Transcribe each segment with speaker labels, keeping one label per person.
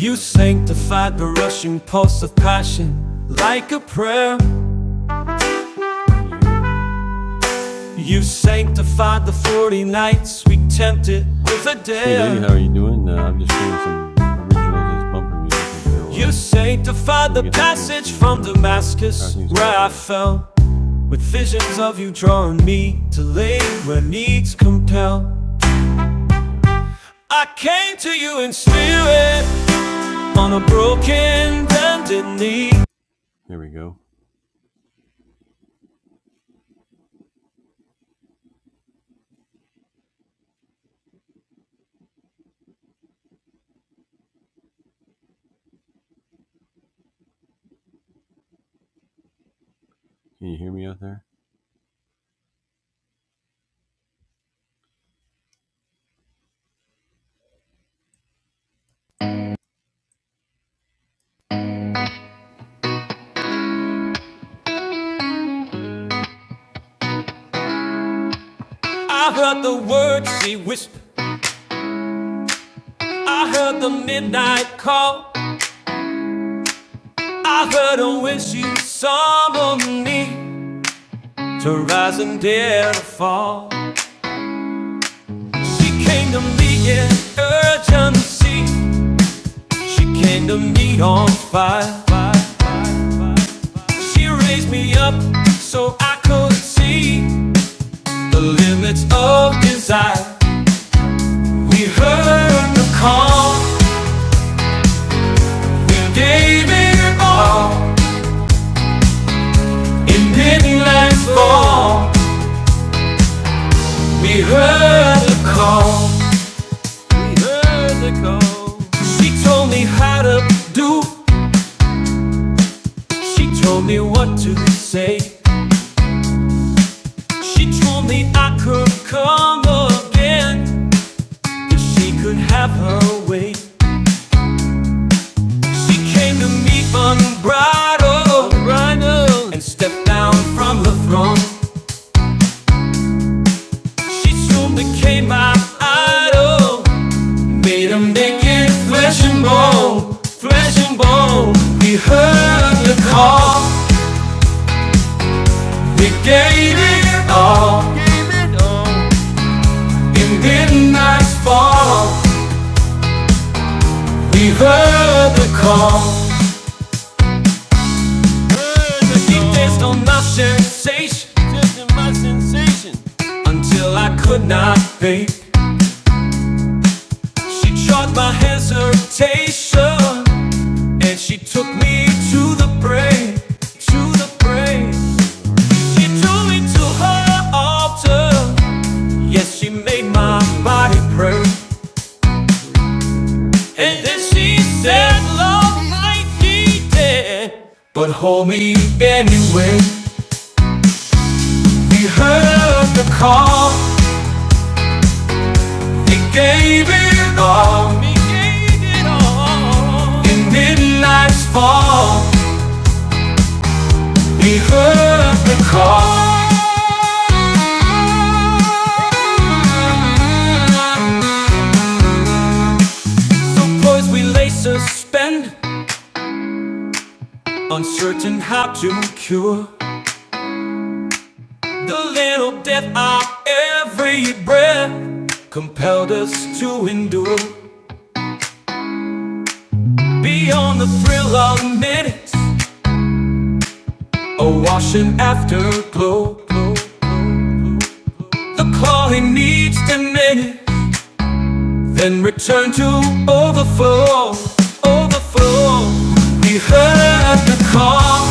Speaker 1: You sanctified the rushing pulse of passion like a prayer. You sanctified the 40 nights we tempted with a dare. original You sanctified the passage from Damascus where I fell with visions of you drawing me to lay where needs compel. I came to you in spirit on a broken, bended knee. I heard the words she whispered. I heard the midnight call. I heard her when she summoned me to rise and dare to fall. She came to me in urgency. She came to me on fire. She raised me up so I could see the limits of desire. We heard the call. We gave it all. In many lands far, we heard the call. We heard a call. She told me how to do. She told me what to say. She told me I could come again if she could have her way. She came to me unbridled, unbridled and stepped down from the throne. She soon became my idol. Made 'em they get flesh and bone, flesh and bone. We heard the call, we gave it all. In midnight's fall, we heard the call. Deep days on my sensation, danced on my sensation, until I could not think. She trod my hesitation, and she took me to the brain, to the brain. She drew me to her altar. Yes, she made my body pray. And then she said, Love might be dead, but hold me anyway. We heard the call, He gave it all. We gave it all. In midnight's fall, we heard the call. So poised we lay suspended, uncertain how to cure. The little death of every breath compelled us to endure. Beyond the thrill of minutes, a washing afterglow. The calling needs to minute, then return to overflow. Overflow. We heard the call,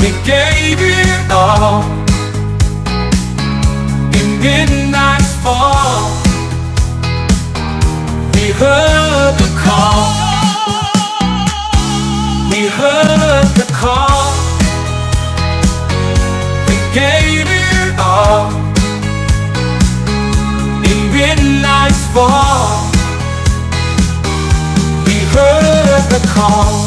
Speaker 1: we gave it all in midnight's fall. We heard the call. We heard the call. We gave it all. Even nights fall. We heard the call.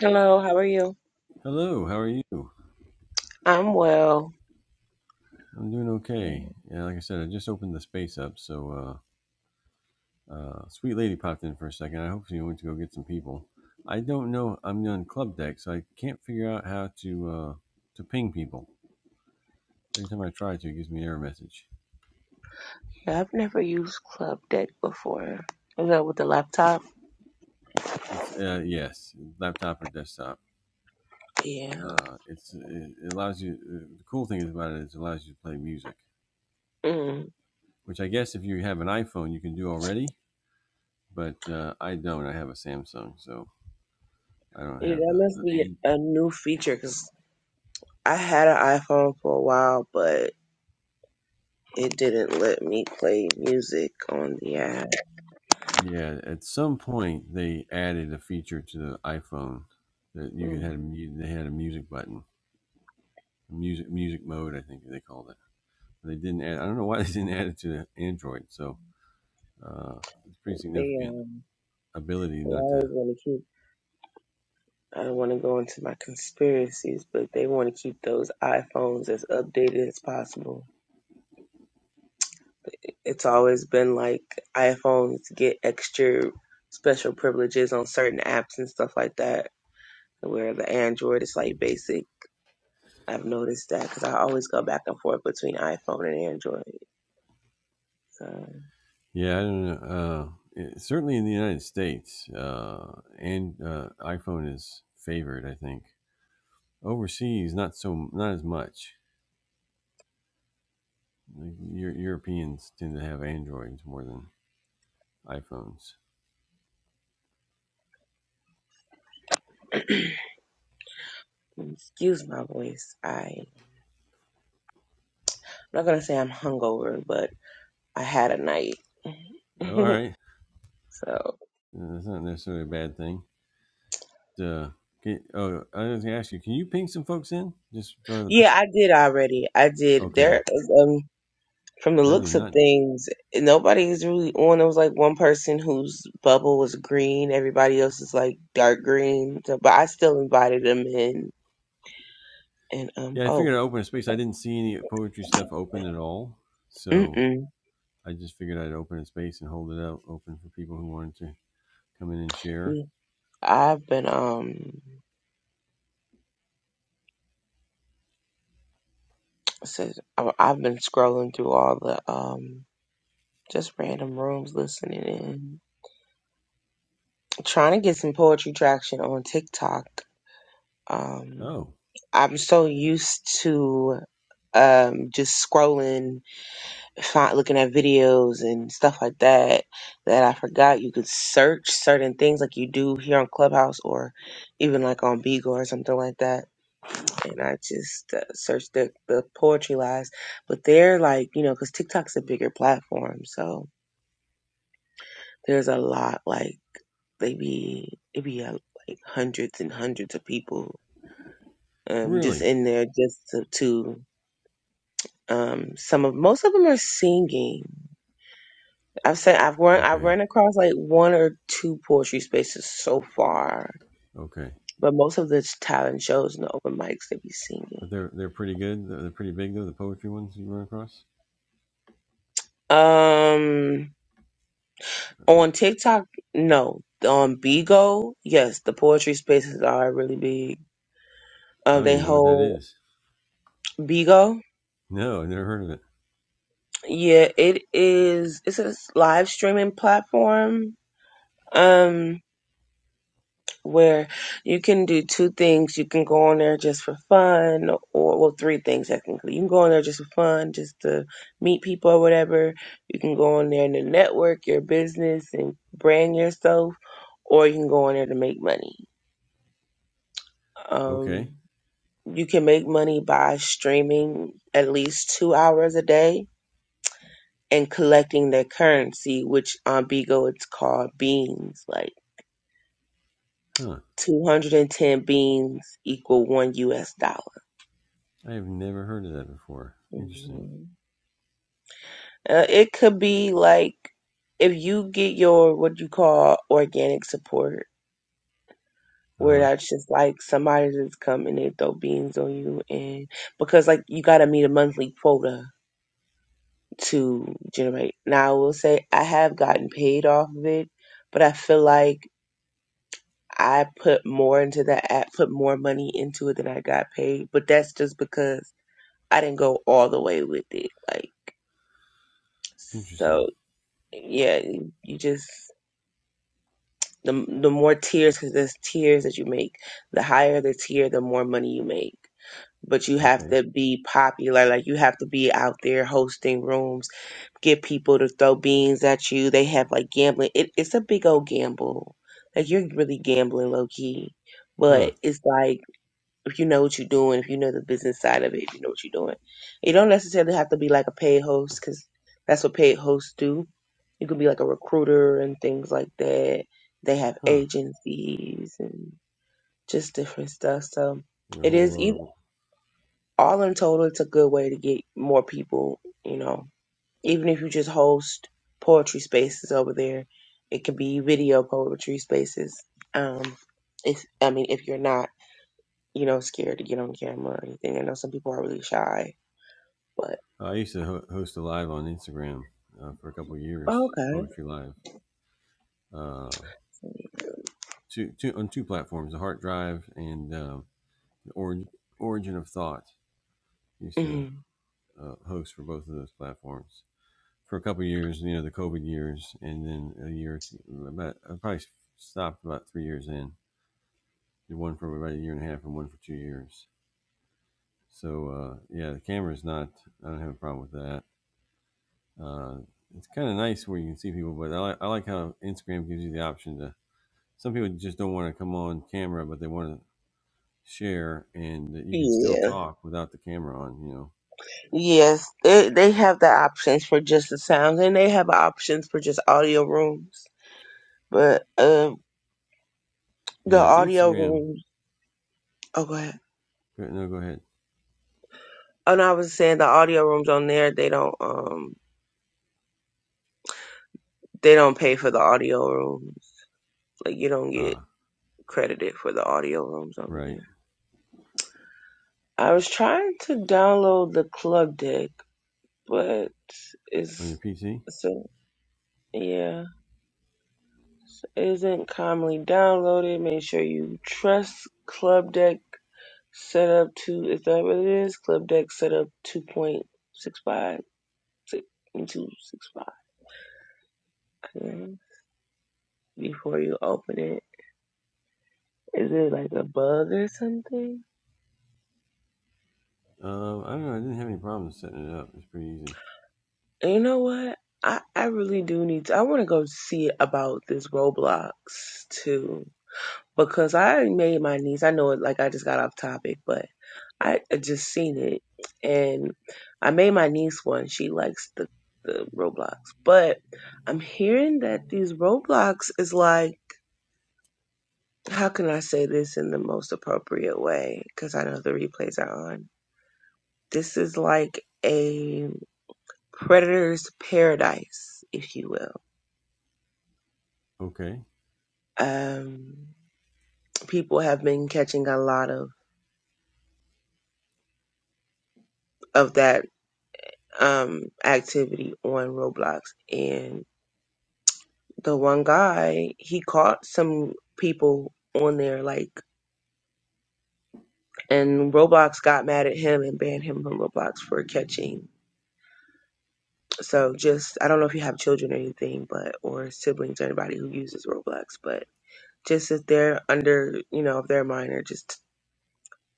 Speaker 2: Hello, how are you? I'm well. Yeah, I've never used Club Deck before. Is that with the laptop? Yeah. Mm. yeah that must be a new feature because I had an iPhone for a while, but it didn't let me play music on the app. Mm. They um, they always want to keep. I don't want to go into my conspiracies, but they want to keep those iPhones as updated as possible. It's always been like iPhones get extra special privileges on certain apps and stuff like that. Where the Android is like basic. I've noticed that because I always go back and forth between iPhone and Android. So excuse my voice. I, I'm not gonna say I'm hungover, but I had a night. so yeah, I did already. I did There is Um, From the looks of things, nobody's really on. There was like one person whose bubble was green. Everybody else is like dark green. So, but I still invited them in. And um, oh, mm-mm. I've been um, says I- I've been scrolling through all the um, just random rooms, listening in, trying to get some poetry traction on TikTok. Um, I'm so used to um just scrolling find, looking at videos and stuff like that that I forgot you could search certain things like you do here on Clubhouse or even like on Beagle or something like that. And I just uh, searched the, the poetry lives, but they're like, you know, because TikTok's a bigger platform. So there's a lot like they be, it be uh, like hundreds and hundreds of people um, just in there just to, to um, some of, most of them are singing I've said I've run I've run across like one or two poetry spaces so far, but most of the talent shows and the open mics they be singing. Um, on TikTok, no. On Bigo, yes, the poetry spaces are really big. Um, they hold Bigo. Yeah, it is. It's a live streaming platform. Um, where you can do two things. You can go on there just for fun, or well, three things technically. You can go on there just for fun, just to meet people or whatever. You can go on there and to network your business and brand yourself, or you can go on there to make money. Um, you can make money by streaming at least two hours a day and collecting their currency, which on Bigo it's called beans, like 210 beans equal one US dollar Mhm. Uh, it could be like if you get your what you call organic support, where that's just like somebody just come and they throw beans on you, and because like you got to meet a monthly quota to generate. Now I will say I have gotten paid off of it, but I feel like I put more into that app, put more money into it than I got paid. But that's just because I didn't go all the way with it, like so. Yeah, you just The the more tiers, because there's tiers that you make. The higher the tier, the more money you make. But you have to be popular. Like you have to be out there hosting rooms, get people to throw beans at you. They have like gambling. It, it's a big old gamble. Like you're really gambling low key. But it's like if you know what you're doing, if you know the business side of it, if you know what you're doing. You don't necessarily have to be like a paid host because that's what paid hosts do. You could be like a recruiter and things like that. They have agencies and just different stuff. So it is eith- all in total. It's a good way to get more people. You know, even if you just host poetry spaces over there, it could be video poetry spaces. Um, if I mean, if you're not you know, scared to get on camera or anything. I know some people are really shy, but Okay. mhm. yeah, yes, they they have the options for just the sounds, and they have options for just audio rooms. But um, the audio rooms, oh, go ahead. Oh no, I was saying the audio rooms on there, they don't um they don't pay for the audio rooms. Like you don't get credited for the audio rooms over there. I was trying to download the club deck, but it's so. Yeah, isn't commonly downloaded. Make sure you trust Club Deck Setup 2. Is that what it is? Club Deck Setup 2.65. yeah, Before you open it. Is it like a bug or something? And You know what? I, I really do need to. I want to go see about this Roblox too. because I already made my niece, I know it like I just got off topic, but I I just seen it and I made my niece one. She likes the, the Roblox. But I'm hearing that these Roblox is like how can I say this in the most appropriate way? Because I know the replays are on. This is like a predator's paradise, if you will. Um people have been catching a lot of of that um activity on Roblox and the one guy he caught some people on there like and Roblox got mad at him and banned him from Roblox for catching. So just I don't know if you have children or anything but or siblings or anybody who uses Roblox, but just if they're under you know, if they're minor, just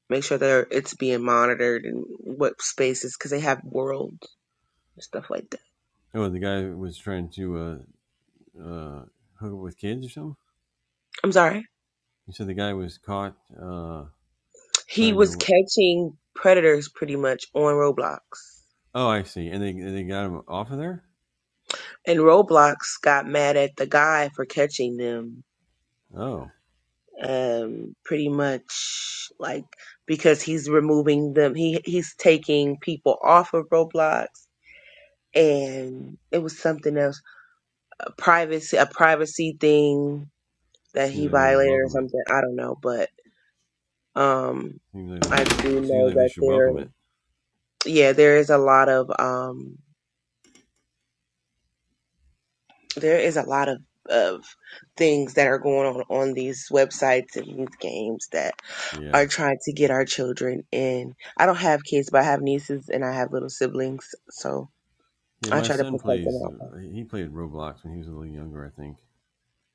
Speaker 2: make sure they're it's being monitored and what spaces because they have worlds and stuff like that. I'm sorry. He was catching predators pretty much on Roblox. And Roblox got mad at the guy for catching them. Um, pretty much like because he's removing them. He he's taking people off of Roblox and it was something else. A privacy a privacy thing that he violated or something. I don't know, but um I do know that there yeah, there is a lot of um there is a lot of of things that are going on on these websites and these games that are trying to get our children in. I don't have kids, but I have nieces and I have little siblings, so I try to protect them all.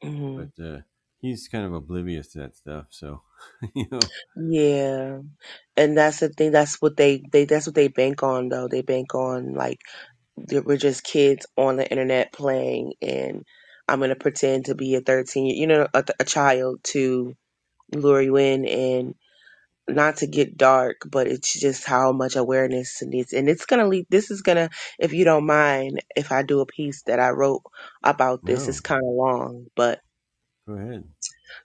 Speaker 2: hmm Yeah, and that's the thing. That's what they they that's what they bank on though. They bank on like that we're just kids on the internet playing, and I'm gonna pretend to be a 13 year, you know, a, a child to lure you in not to get dark, but it's just how much awareness it needs. And it's going to lead, this is going to, if you don't mind, if I do a piece that I wrote about this, it's kind of long, but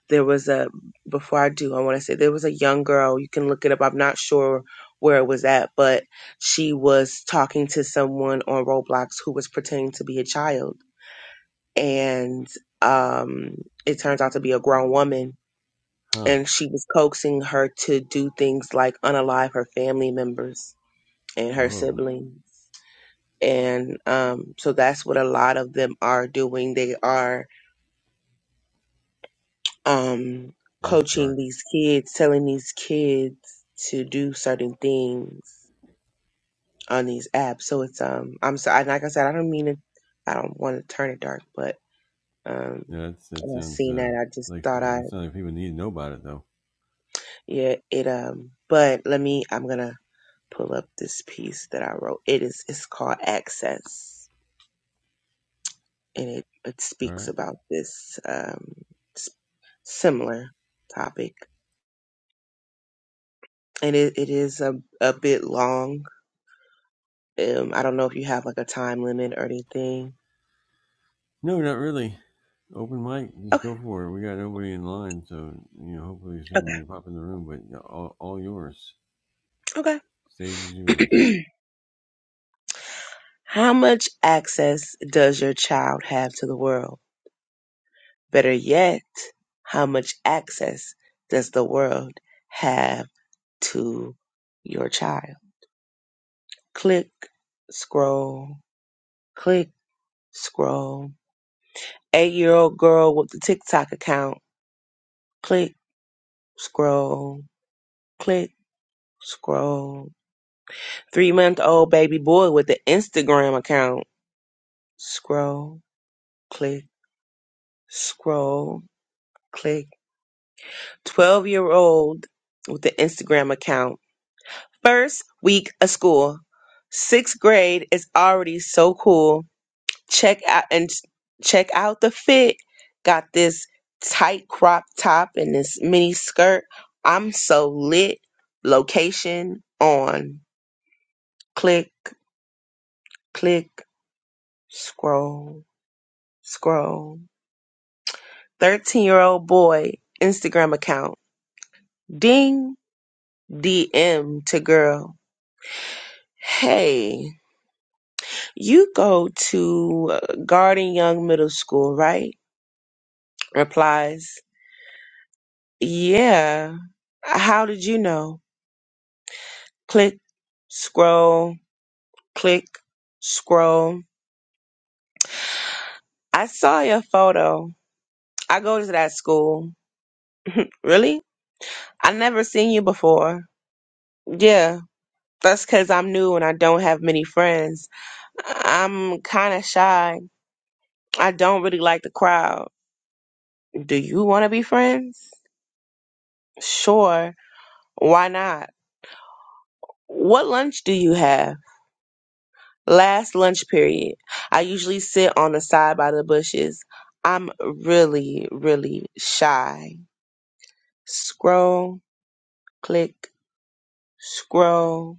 Speaker 2: there was a, before I do, I want to say there was a young girl, you can look it up. I'm not sure where it was at, but she was talking to someone on Roblox who was pretending to be a child. And, um, it turns out to be a grown woman. And she was coaxing her to do things like unalive her family members and her siblings. And um, so that's what a lot of them are doing. They are um, coaching these kids, telling these kids to do certain things on these apps. So it's um, I'm sorry, like I said, I don't mean to, I don't want to turn it dark, but um, when I seen that, I just thought I, yeah, it um. But let me, I'm gonna pull up this piece that I wrote. It is, it's called Access and it, it speaks about this um, s- similar topic. And it, it is a, a bit long. Um, I don't know if you have like a time limit or anything. Okay, okay, okay. How much access does your child have to the world? Better yet, how much access does the world have to your child? Click, scroll, click, scroll. eight year old girl with the TikTok account. Click, scroll, click, scroll. Three month old baby boy with the Instagram account. Scroll, click, scroll, click. 12 year old with the Instagram account. First week of school. Sixth grade is already so cool check out and s- check out the fit. Got this tight crop top and this mini skirt. I'm so lit. Location on. Click, click, scroll, scroll. 13 year old boy Instagram account. Ding, DM to girl. Hey, you go to uh, Garden Young Middle School, right? Replies, yeah. How did you know? Click, scroll, click, scroll. I saw your photo. I go to that school. Really? I never seen you before. Yeah, that's because I'm new and I don't have many friends. I'm kind of shy. I don't really like the crowd. Do you want to be friends? Sure. Why not? What lunch do you have? Last lunch period. I usually sit on the side by the bushes. I'm really, really shy. Scroll, click, scroll.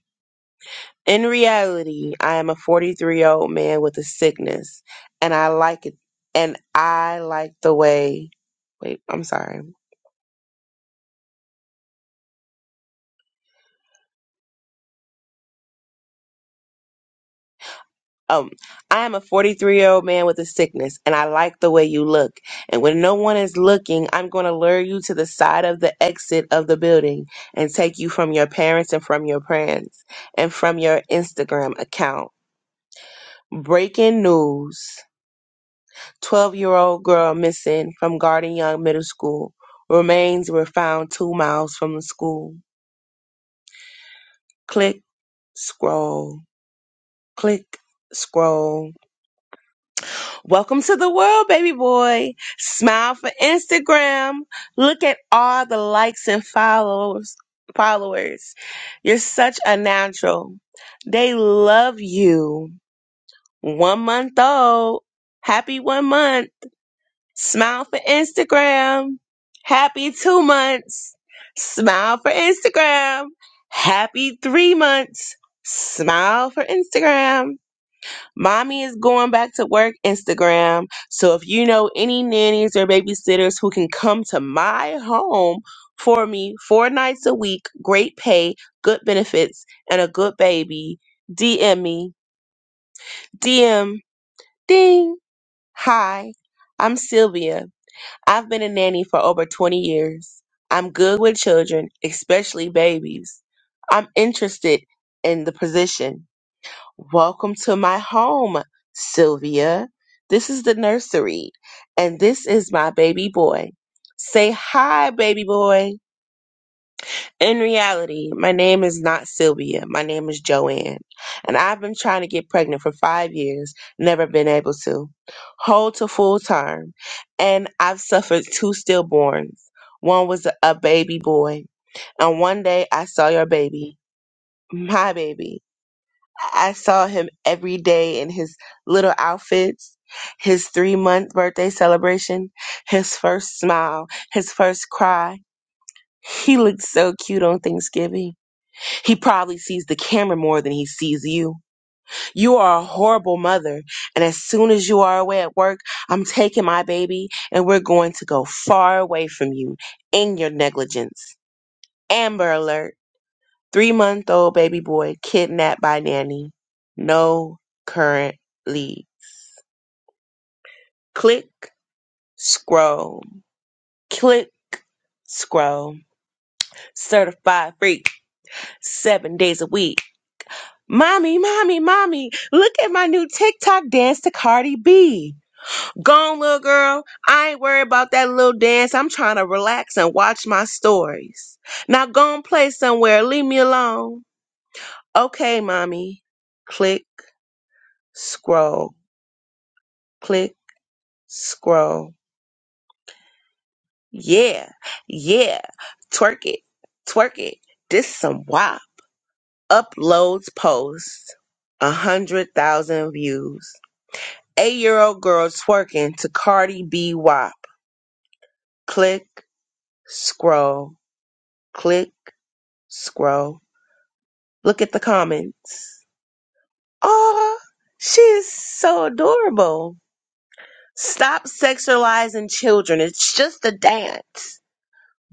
Speaker 2: In reality, I am a 43 year old man with a sickness, and I like it. And I like the way. Wait, I'm sorry. Um, I am a 43 year old man with a sickness, and I like the way you look. And when no one is looking, I'm going to lure you to the side of the exit of the building and take you from your parents and from your friends and from your Instagram account. Breaking news. 12 year old girl missing from Garden Young Middle School. Remains were found two miles from the school. Click, scroll, click, scroll. Welcome to the world, baby boy. Smile for Instagram. Look at all the likes and followers. Followers, you're such a natural. They love you. One month old. Happy one month. Smile for Instagram. Happy two months. Smile for Instagram. Happy three months. Smile for Instagram. Mommy is going back to work Instagram. So if you know any nannies or babysitters who can come to my home for me four nights a week, great pay, good benefits, and a good baby, DM me. DM, ding. Hi, I'm Sylvia I've been a nanny for over 20 years. I'm good with children, especially babies. I'm interested in the position. Welcome to my home, Sylvia. This is the nursery, and this is my baby boy. Say hi, baby boy. In reality, my name is not Sylvia. My name is Joanne. And I've been trying to get pregnant for five years, never been able to. Hold to full term. And I've suffered two stillborns. One was a baby boy. And one day I saw your baby, my baby. I saw him every day in his little outfits, his three month birthday celebration, his first smile, his first cry. He looked so cute on Thanksgiving. He probably sees the camera more than he sees you. You are a horrible mother. And as soon as you are away at work, I'm taking my baby and we're going to go far away from you in your negligence. Amber alert. Three month old baby boy kidnapped by nanny. No current lead. Click, scroll. Click, scroll. Certified freak. Seven days a week. Mommy, mommy, mommy, look at my new TikTok dance to Cardi B. Gone, little girl. I ain't worried about that little dance. I'm trying to relax and watch my stories. Now go and play somewhere. Leave me alone. Okay, mommy. Click, scroll, click, scroll. Yeah, yeah. Twerk it, twerk it. This some wop. Uploads post. A hundred thousand views. Eight year old girl twerking to Cardi B WAP. Click, scroll, click, scroll. Look at the comments. Aw, she is so adorable. Stop sexualizing children. It's just a dance.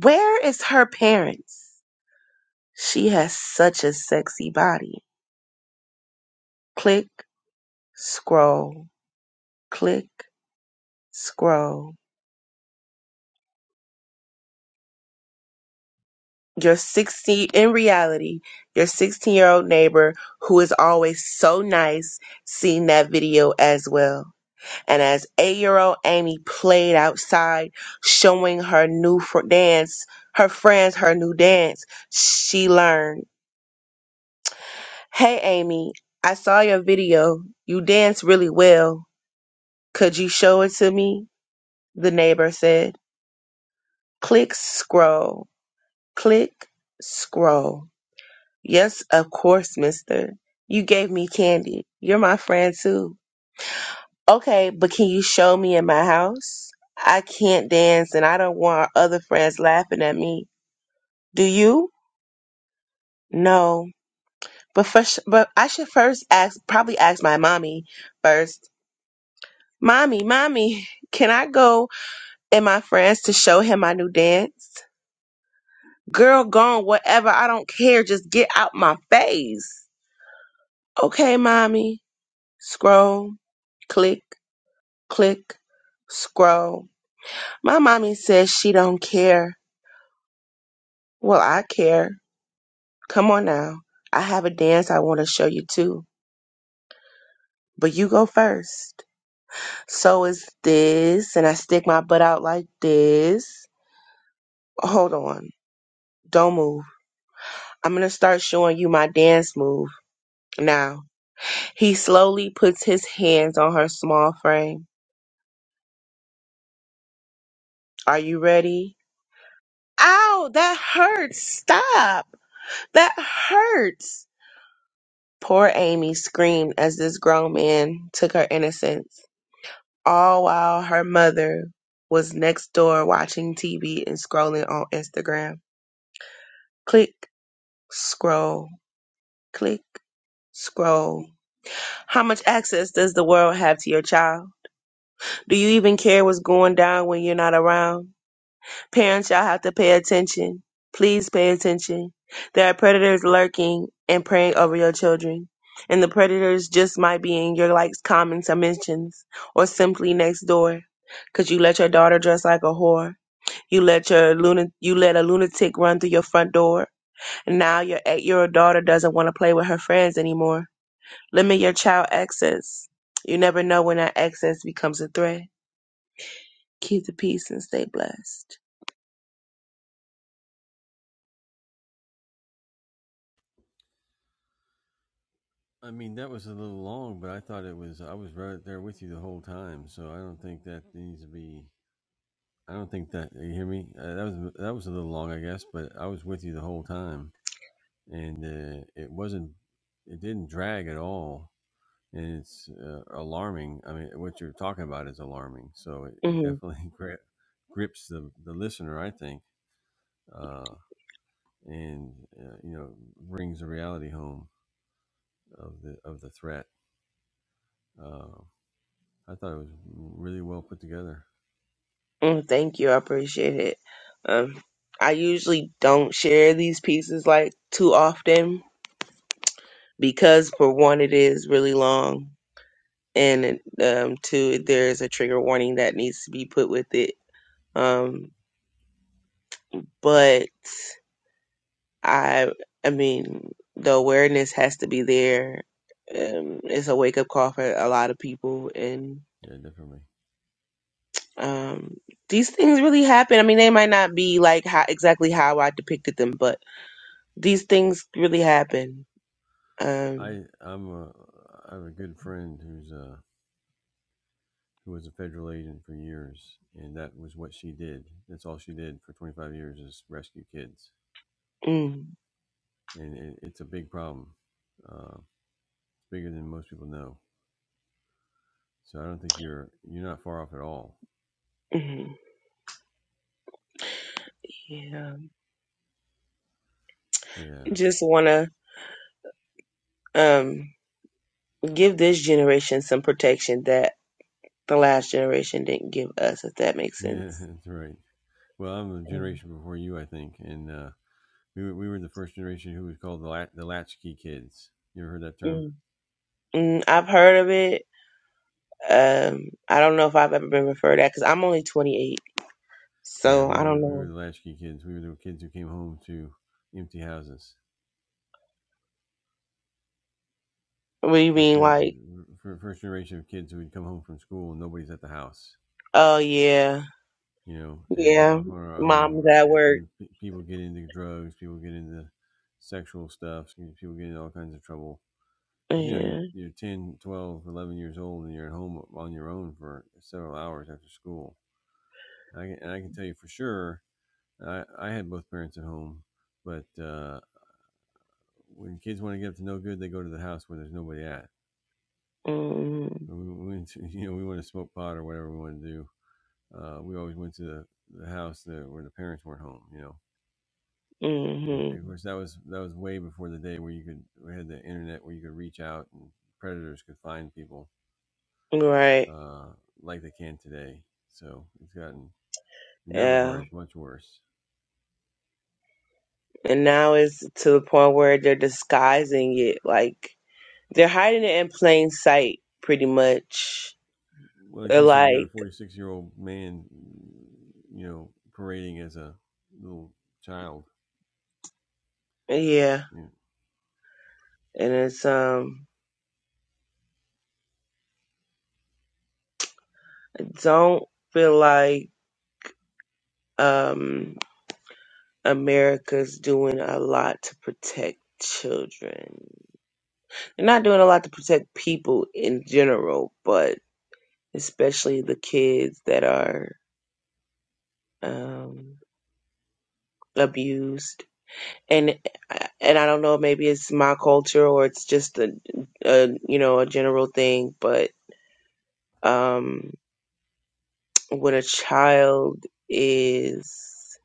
Speaker 2: Where is her parents? She has such a sexy body. Click, scroll, click, scroll. your 16 in reality your 16 year old neighbor who is always so nice seen that video as well and as 8 year old amy played outside showing her new fr- dance her friends her new dance she learned hey amy i saw your video you dance really well could you show it to me the neighbor said click scroll click scroll Yes, of course, mister. You gave me candy. You're my friend too. Okay, but can you show me in my house? I can't dance and I don't want our other friends laughing at me. Do you? No. But first, but I should first ask, probably ask my mommy first. Mommy, mommy, can I go and my friends to show him my new dance? Girl, gone, whatever. I don't care. Just get out my face. Okay, mommy. Scroll, click. click, scroll. My mommy says she don't care. Well, I care. Come on now. I have a dance I want to show you too. But you go first. So is this, and I stick my butt out like this. Hold on. Don't move. I'm gonna start showing you my dance move now. He slowly puts his hands on her small frame. Are you ready? Ow, that hurts. Stop. That hurts. Poor Amy screamed as this grown man took her innocence, all while her mother was next door watching TV and scrolling on Instagram. Click, scroll, click, scroll. How much access does the world have to your child? Do you even care what's going down when you're not around? Parents, y'all have to pay attention. Please pay attention. There are predators lurking and preying over your children. And the predators just might be in your likes, comments, or mentions, or simply next door. 'Cause you let your daughter dress like a whore. You let your luna you let a lunatic run through your front door. And now your eight year old daughter doesn't want to play with her friends anymore. Limit your child access. You never know when that access becomes a threat. Keep the peace and stay blessed. hmm thank you. I appreciate it. Um, I usually don't share these pieces like too often because, for one, it is really long, and it, um, two, there is a trigger warning that needs to be put with it. Um, but I, I mean, the awareness has to be there. Um, it's a wake up call for a lot of people, and um, these things really happen. I mean, they might not be like how, exactly how I depicted them, but these things really happen. Um, mm, mhm. yeah. Just want to um, give this generation some protection that the last generation didn't give us, if that makes sense. Mm. Mm. Mm, I've heard of it. Um, I don't know if I've ever been referred at because I'm only 28, so I don't know. What do you mean, like, oh yeah, yeah, mom's at work. Yeah. Mm-hmm. Mm-hmm. Right. Yeah. And now it's to the point where they're disguising it. Like they're hiding it in plain sight, pretty much. They're like, yeah. And it's um I don't feel like um America's doing a lot to protect children. They're not doing a lot to protect people in general, but especially the kids that are um abused and and I don't know, maybe it's my culture or it's just a, a you know a general thing, but um, when a child is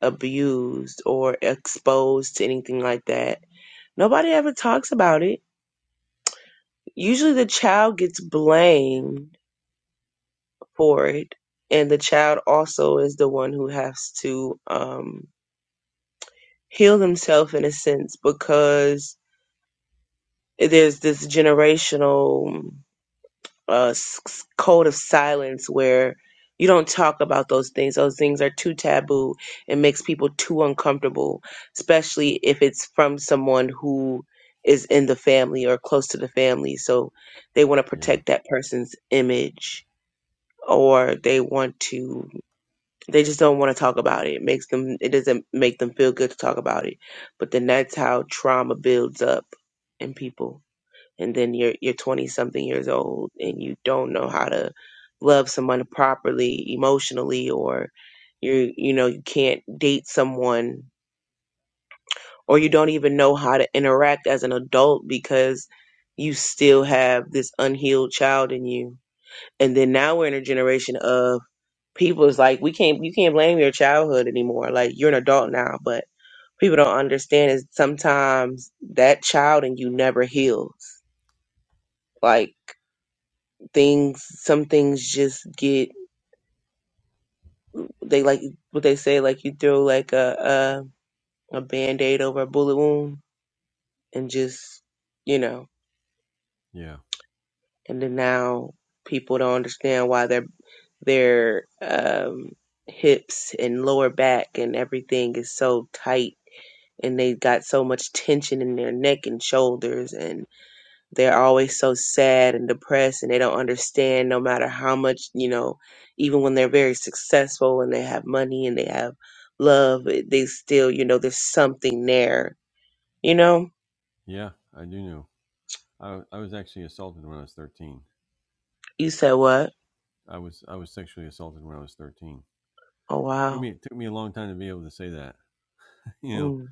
Speaker 2: abused or exposed to anything like that, nobody ever talks about it. Usually, the child gets blamed for it, and the child also is the one who has to um, heal themselves in a sense because there's this generational a s- s- code of silence where you don't talk about those things. Those things are too taboo. It makes people too uncomfortable, especially if it's from someone who is in the family or close to the family. So they want to protect that person's image or they want to they just don't want to talk about it. It makes them it doesn't make them feel good to talk about it. But then that's how trauma builds up in people and then you're you're 20 something years old and you don't know how to love someone properly emotionally or you you know you can't date someone or you don't even know how to interact as an adult because you still have this unhealed child in you and then now we're in a generation of people is like we can't you can't blame your childhood anymore like you're an adult now but people don't understand is sometimes that child in you never heals like things some things just get they like what they say like you throw like a a, a band-aid over a bullet wound and just you know and then now people don't understand why their their um hips and lower back and everything is so tight and they got so much tension in their neck and shoulders and. they're always so sad and depressed and they don't understand no matter how much you know even when they're very successful and they have money and they have love eh, they still you know there's something there you know you said what oh wow mm,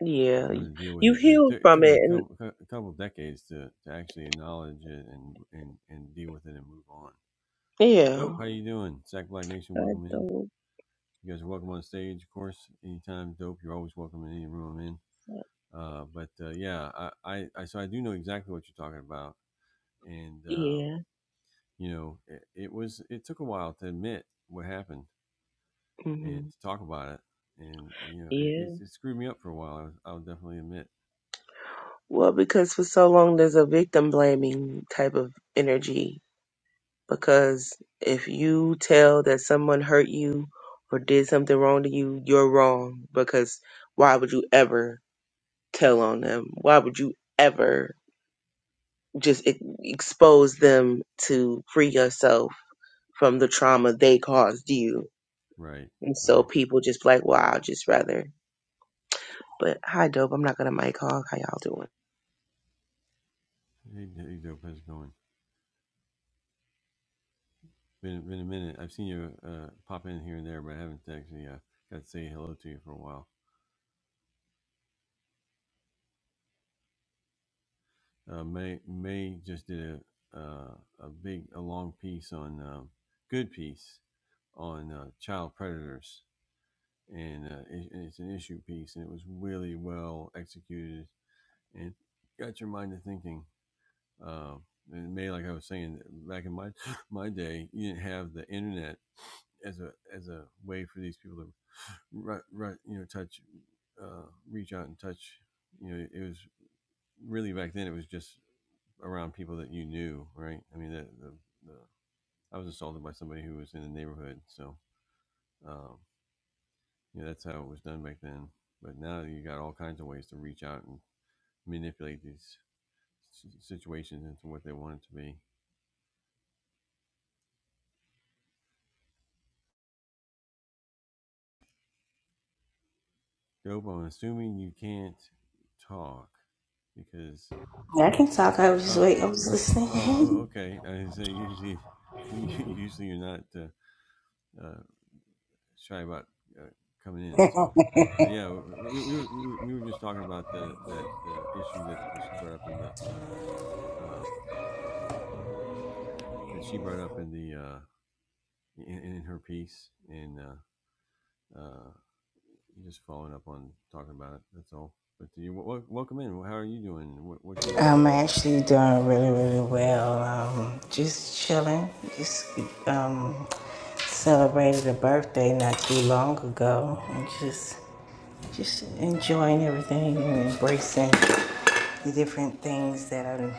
Speaker 2: yeah you've healed from it and yeah i don't yeah hmm yeah well because for so long there's a victim blaming type of energy because if you tell that someone hurt you or did something wrong to you, you're wrong because why would you ever tell on them? Why would you ever just e- expose them to free yourself from the trauma they caused you? And so people just be like, wow, I'd just rather. But hi, dope. I'm not gonna mic hog. How y'all doing?
Speaker 3: Yeah, I can talk. I was just wait. I was listening. I'm actually doing really, really well. Um, just chilling. Just um, celebrated a birthday not too long ago, and just just enjoying everything and embracing the different things that I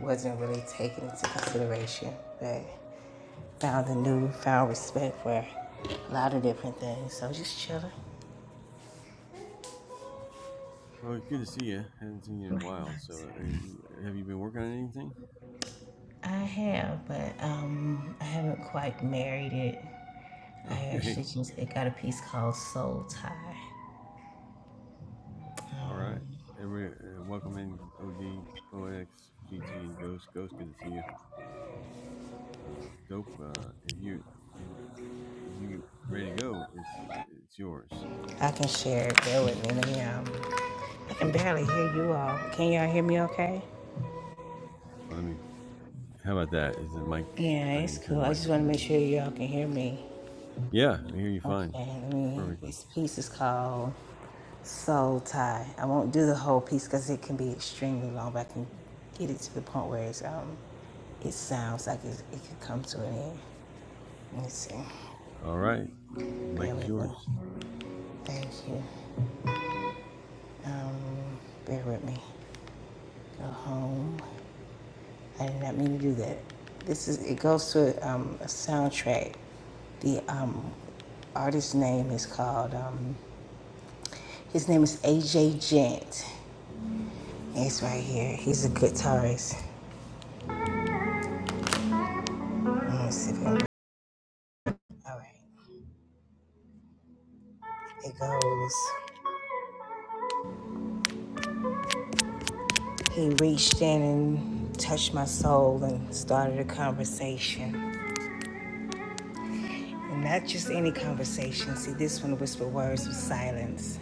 Speaker 3: wasn't really taking into consideration. But found a newfound respect for a lot of different things. So just chilling. Like what? I have, but um, I haven't quite married it. I actually just it got a piece called Soul Tie. Um, I can share it. Bear with me. Let me. Um, I can barely hear you all. Can y'all hear me? Okay. Yeah, it's cool. I just want to make sure y'all can hear me. Okay. Let me. This piece is called Soul Tie. I won't do the whole piece because it can be extremely long, but I can get it to the point where it's um, it sounds like it, it could come to an end. Let's see. Bear with me. Thank you. Um, bear with me. Go home. I did not mean to do that. This is. It goes to um, a soundtrack. The um, artist's name is called. Um, his name is AJ Gent. He's right here. He's a guitarist. Let me see if I can- All right. It goes. He reached in and touched my soul and started a conversation. And not just any conversation. See, this one, whispered words with silence.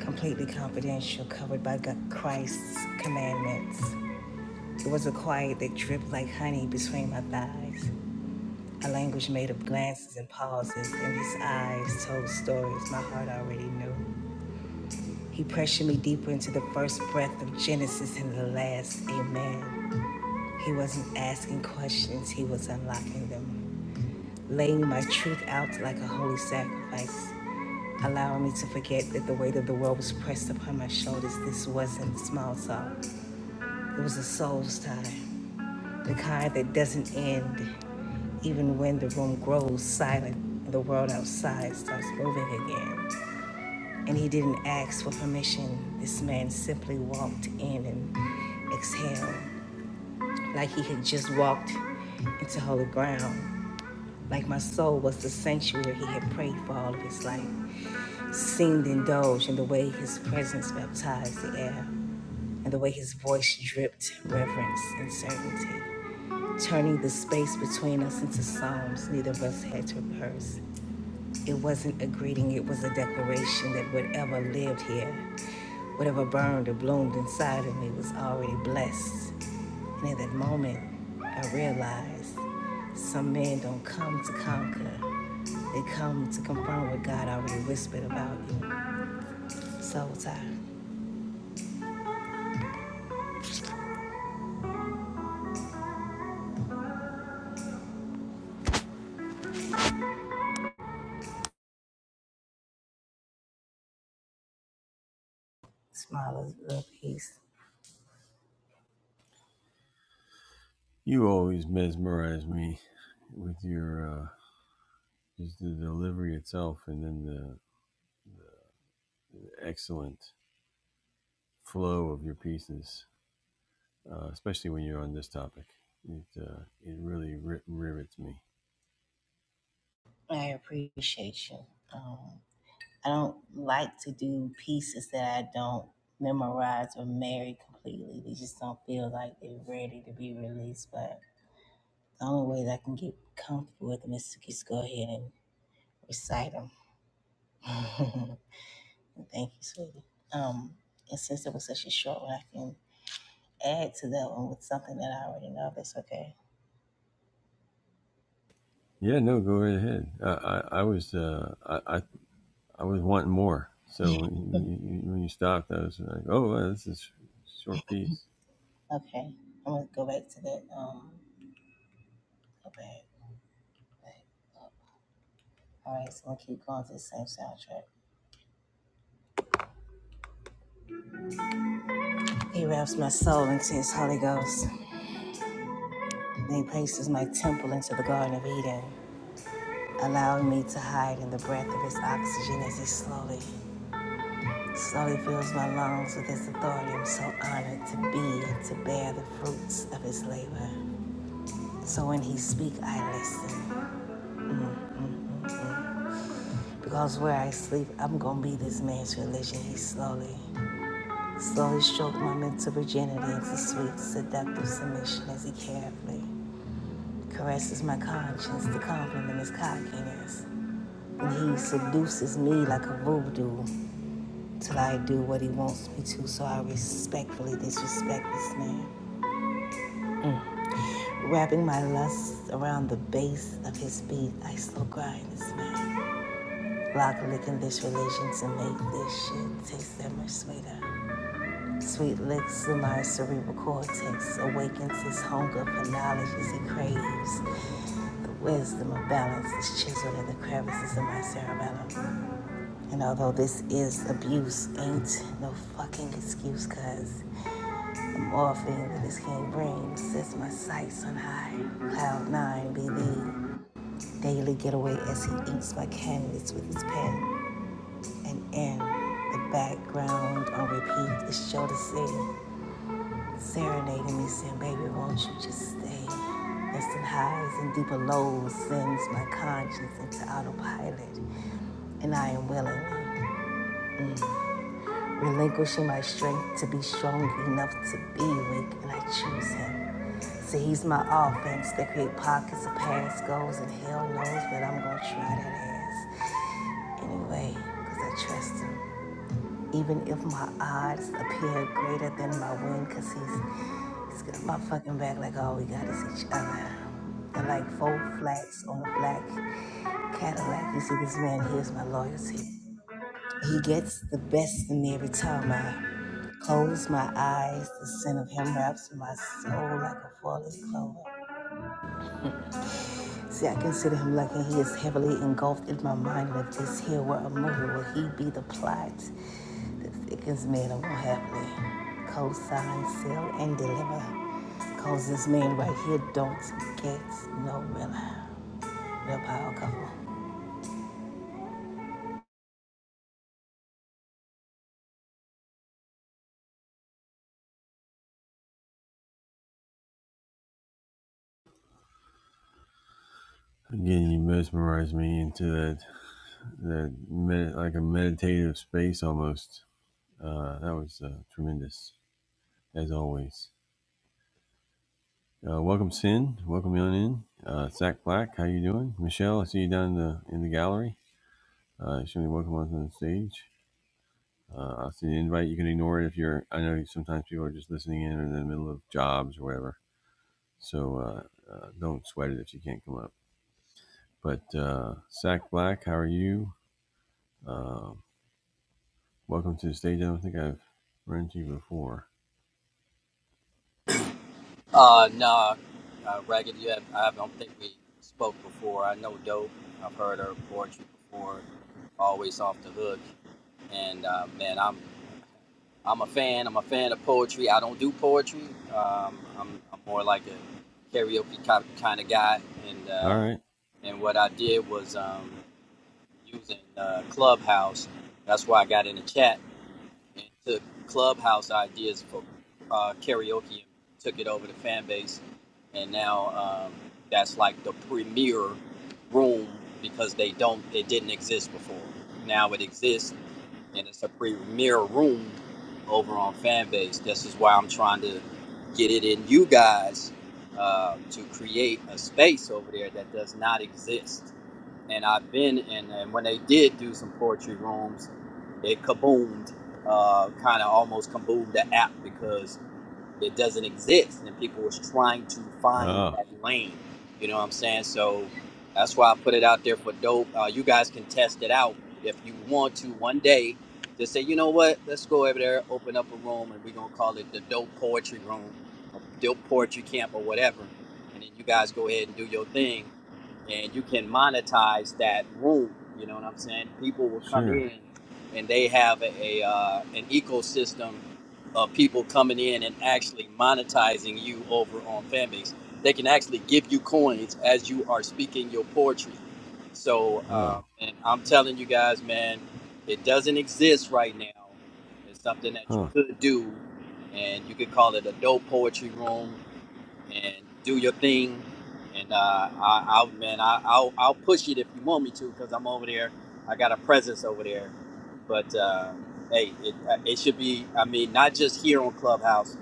Speaker 3: completely confidential, covered by God, Christ's commandments. It was a quiet that dripped like honey between my thighs. A language made of glances and pauses, and his eyes told stories my heart already knew. He pressured me deeper into the first breath of Genesis and the last amen. He wasn't asking questions, he was unlocking them, laying my truth out like a holy sacrifice, allowing me to forget that the weight of the world was pressed upon my shoulders. This wasn't small talk, it was a soul's time, the kind that doesn't end even when the room grows silent and the world outside starts moving again. And he didn't ask for permission. This man simply walked in and exhaled like he had just walked into holy ground, like my soul was the sanctuary he had prayed for all of his life, seemed indulged in the way his presence baptized the air, and the way his voice dripped reverence and certainty, turning the space between us into psalms neither of us had to rehearse. It wasn't a greeting, it was a declaration that whatever lived here, whatever burned or bloomed inside of me was already blessed. And in that moment, I realized some men don't come to conquer, they come to confirm what God already whispered about you. So, Ty, smile, love, peace. I appreciate you. Um, I don't like to do pieces that I don't memorize or marry completely. They just don't feel like they're ready to be released. But the only way that I can get comfortable with them is to just go ahead and recite them. Thank you, sweetie. Um, and since it was such a short one, I can add to that one with something that I already know. That's okay. Okay, I'm gonna go back to that. Um, go back. back. All right, so I'm gonna keep going to the same soundtrack. He wraps my soul into his Holy Ghost. He places my temple into the Garden of Eden, allowing me to hide in the breath of his oxygen as he slowly, slowly fills my lungs with his authority. I'm so honored to be and to bear the fruits of his labor. So when he speak, I listen. Mm-hmm. Because where I sleep, I'm gonna be this man's religion. He slowly, slowly strokes my mental virginity into sweet, seductive submission as he carefully caresses my conscience to compliment his cockiness. He seduces me like a voodoo till I do what he wants me to, so I respectfully disrespect this man. Wrapping my lusts around the base of his beat, I still grind this man. Lock licking this relation to make this shit taste that much sweeter. Sweet licks in my cerebral cortex awakens his hunger for knowledge as he craves. The wisdom of balance is chiseled in the crevices of my cerebellum. And although this is abuse, ain't no fucking excuse, cuz the morphine that this king brings sets my sights on high. Cloud nine be the daily getaway as he inks my canvas with his pen. And in the background on repeat is Show to City serenading me, saying, Baby, won't you just stay? Less than highs and deeper lows sends my conscience into autopilot, and I am willing. relinquishing my strength to be strong enough to be weak, and I choose him. So he's my offense that create pockets of past goals, and hell knows that I'm gonna try that ass anyway, because I trust him. Even if my odds appear greater than my win, because he's, he's got my fucking back like all we got is each other. And like four flats on a black Cadillac, you see this man, here's my loyalty. He gets the best in me every time I close my eyes. The scent of him wraps my soul like a falling clover. See, I consider him like he is heavily engulfed in my mind. And if this here were a movie, would he be the plot that thickens me and I won't heavily? Co-sign, sell, and deliver. Cause this man right here don't get no real, real power couple.
Speaker 4: Uh, no, uh, Ragged, you have, I don't think we spoke before. I know Dope. I've heard her poetry before, always off the hook. And uh, man, I'm I'm a fan. I'm a fan of poetry. I don't do poetry. Um, I'm, I'm more like a karaoke kind of guy. And uh, and what I did was um, using uh, Clubhouse. That's why I got in the chat and took clubhouse ideas for uh, karaoke and took it over to fan base and now um, that's like the premier room because they don't it didn't exist before now it exists and it's a premier room over on fan base this is why i'm trying to get it in you guys uh, to create a space over there that does not exist and I've been in. And when they did do some poetry rooms, it kaboomed, uh, kind of almost kaboomed the app because it doesn't exist, and people was trying to find that lane. You know what I'm saying? So that's why I put it out there for dope. Uh, you guys can test it out if you want to one day. Just say, you know what? Let's go over there, open up a room, and we're gonna call it the Dope Poetry Room do poetry camp or whatever, and then you guys go ahead and do your thing, and you can monetize that room. You know what I'm saying? People will come in, and they have a, a uh, an ecosystem of people coming in and actually monetizing you over on Fanbase. They can actually give you coins as you are speaking your poetry. So, um, and I'm telling you guys, man, it doesn't exist right now. It's something that you could do and you could call it a dope poetry room and do your thing. And uh, I, I'll, man, I, I'll, I'll push it if you want me to, because I'm over there. I got a presence over there. But uh, hey, it, uh, it should be. I mean, not just here on Clubhouse.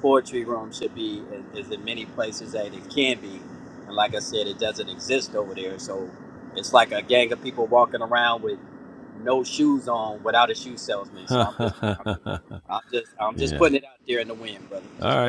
Speaker 4: Poetry room should be as, as in many places that it can be. And like I said, it doesn't exist over there. So it's like a gang of people walking around with no shoes on, without a shoe salesman. So I'm just, I'm just, I'm just, I'm just putting it out there in the wind, brother. Just putting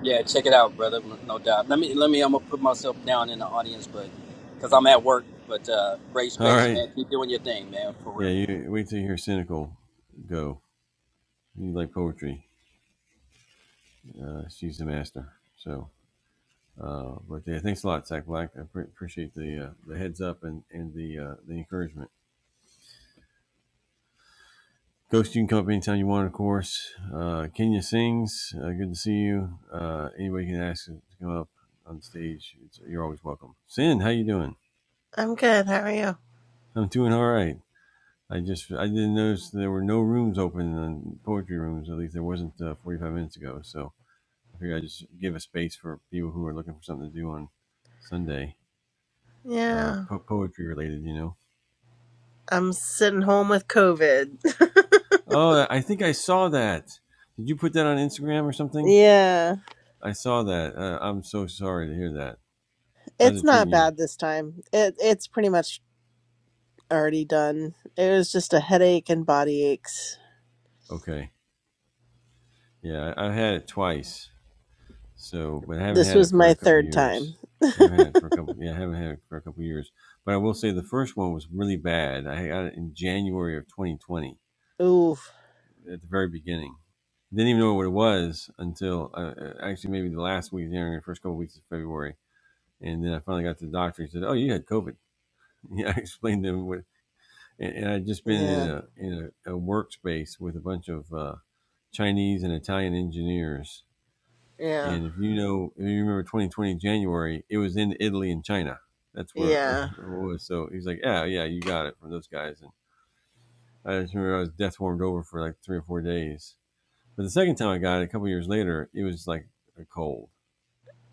Speaker 4: Yeah, check it out, brother. No no doubt. Let me let me. I'm gonna put myself down in the audience, but because I'm at work. But uh, great space, man. Keep doing your thing, man. For real.
Speaker 5: I'm good. How are you? Yeah. I'm sitting home with COVID. yeah. It's not bad this time. It it's pretty much already done. It was just a headache and body aches. This was my third time. Oof. Yeah. Yeah. Yeah.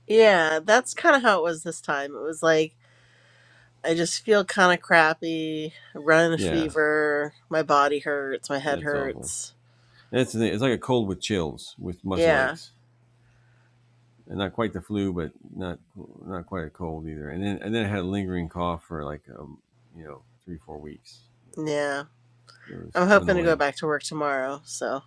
Speaker 5: Yeah. That's kind of how it was this time. It was like I just feel kind of crappy, running a fever, my body hurts, my head hurts. Yeah. Yeah. I'm hoping to go back to work tomorrow, so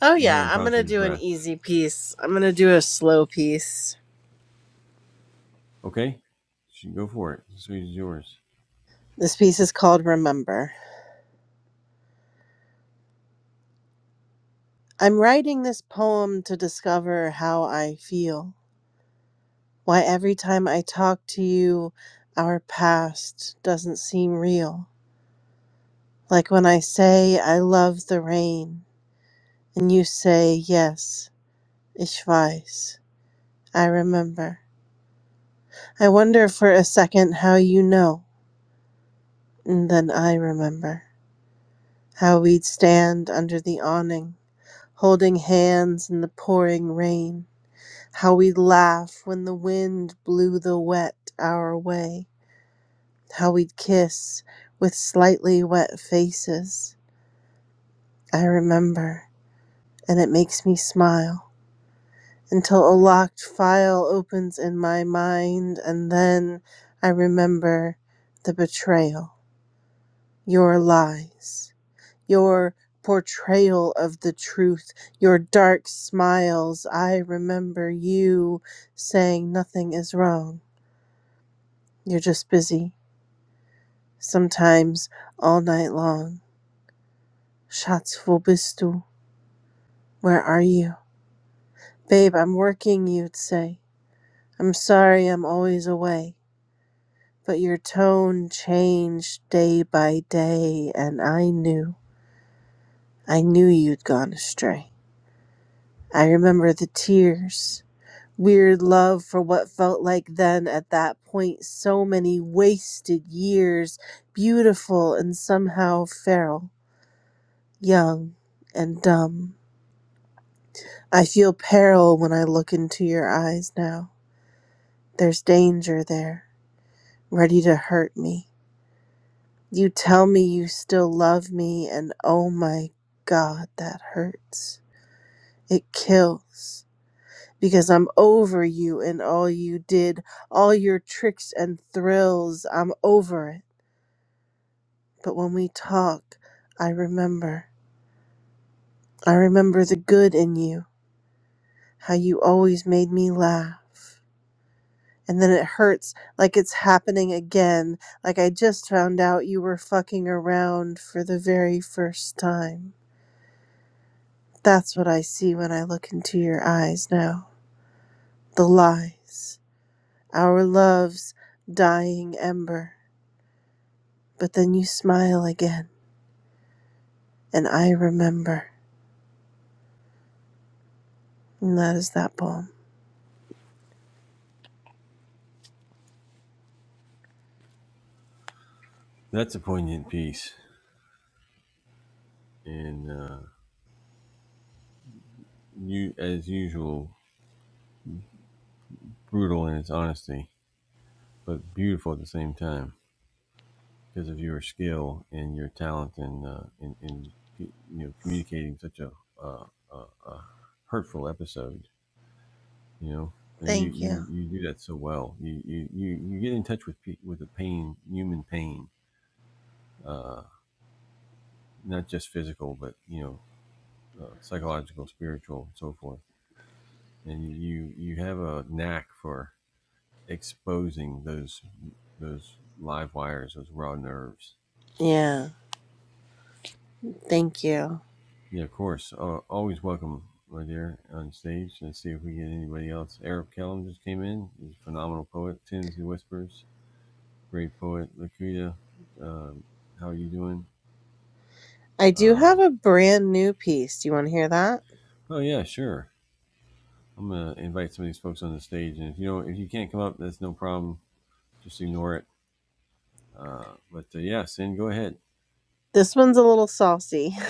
Speaker 5: Oh yeah, I'm gonna do an easy piece. I'm gonna do a slow piece. This piece is called Remember. I'm writing this poem to discover how I feel. Why every time I talk to you, our past doesn't seem real. Like when I say I love the rain, and you say, Yes, ich weiß, I remember. I wonder for a second how you know, and then I remember how we'd stand under the awning holding hands in the pouring rain. How we'd laugh when the wind blew the wet our way. How we'd kiss with slightly wet faces. I remember, and it makes me smile until a locked file opens in my mind, and then I remember the betrayal, your lies. Your portrayal of the truth, your dark smiles. I remember you saying nothing is wrong. You're just busy, sometimes all night long. Schatz, wo bist du? Where are you? Babe, I'm working, you'd say. I'm sorry I'm always away. But your tone changed day by day, and I knew. I knew you'd gone astray. I remember the tears. weird love for what felt like then at that point so many wasted years, beautiful and somehow feral, young and dumb. I feel peril when I look into your eyes now. There's danger there, ready to hurt me. You tell me you still love me, and oh my god, that hurts. It kills. Because I'm over you and all you did, all your tricks and thrills, I'm over it. But when we talk, I remember. I remember the good in you, how you always made me laugh. And then it hurts like it's happening again, like I just found out you were fucking around for the very first time. That's what I see when I look into your eyes now. The lies. Our love's dying ember. But then you smile again, and I remember. And that is that poem. Thank you. Yeah, thank you. I do have a brand new piece. Do you want to hear that? This one's a little saucy.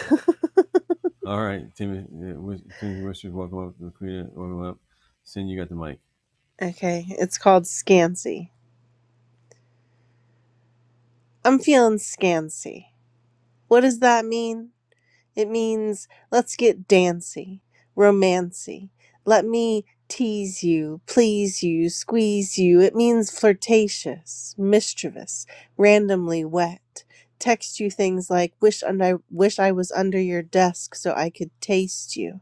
Speaker 5: Okay, it's called Scancy. I'm feeling scancy. What does that mean? It means let's get dancy, romancy. Let me tease you, please you, squeeze you. It means flirtatious, mischievous, randomly wet. Text you things like wish and I wish I was under your desk so I could taste you.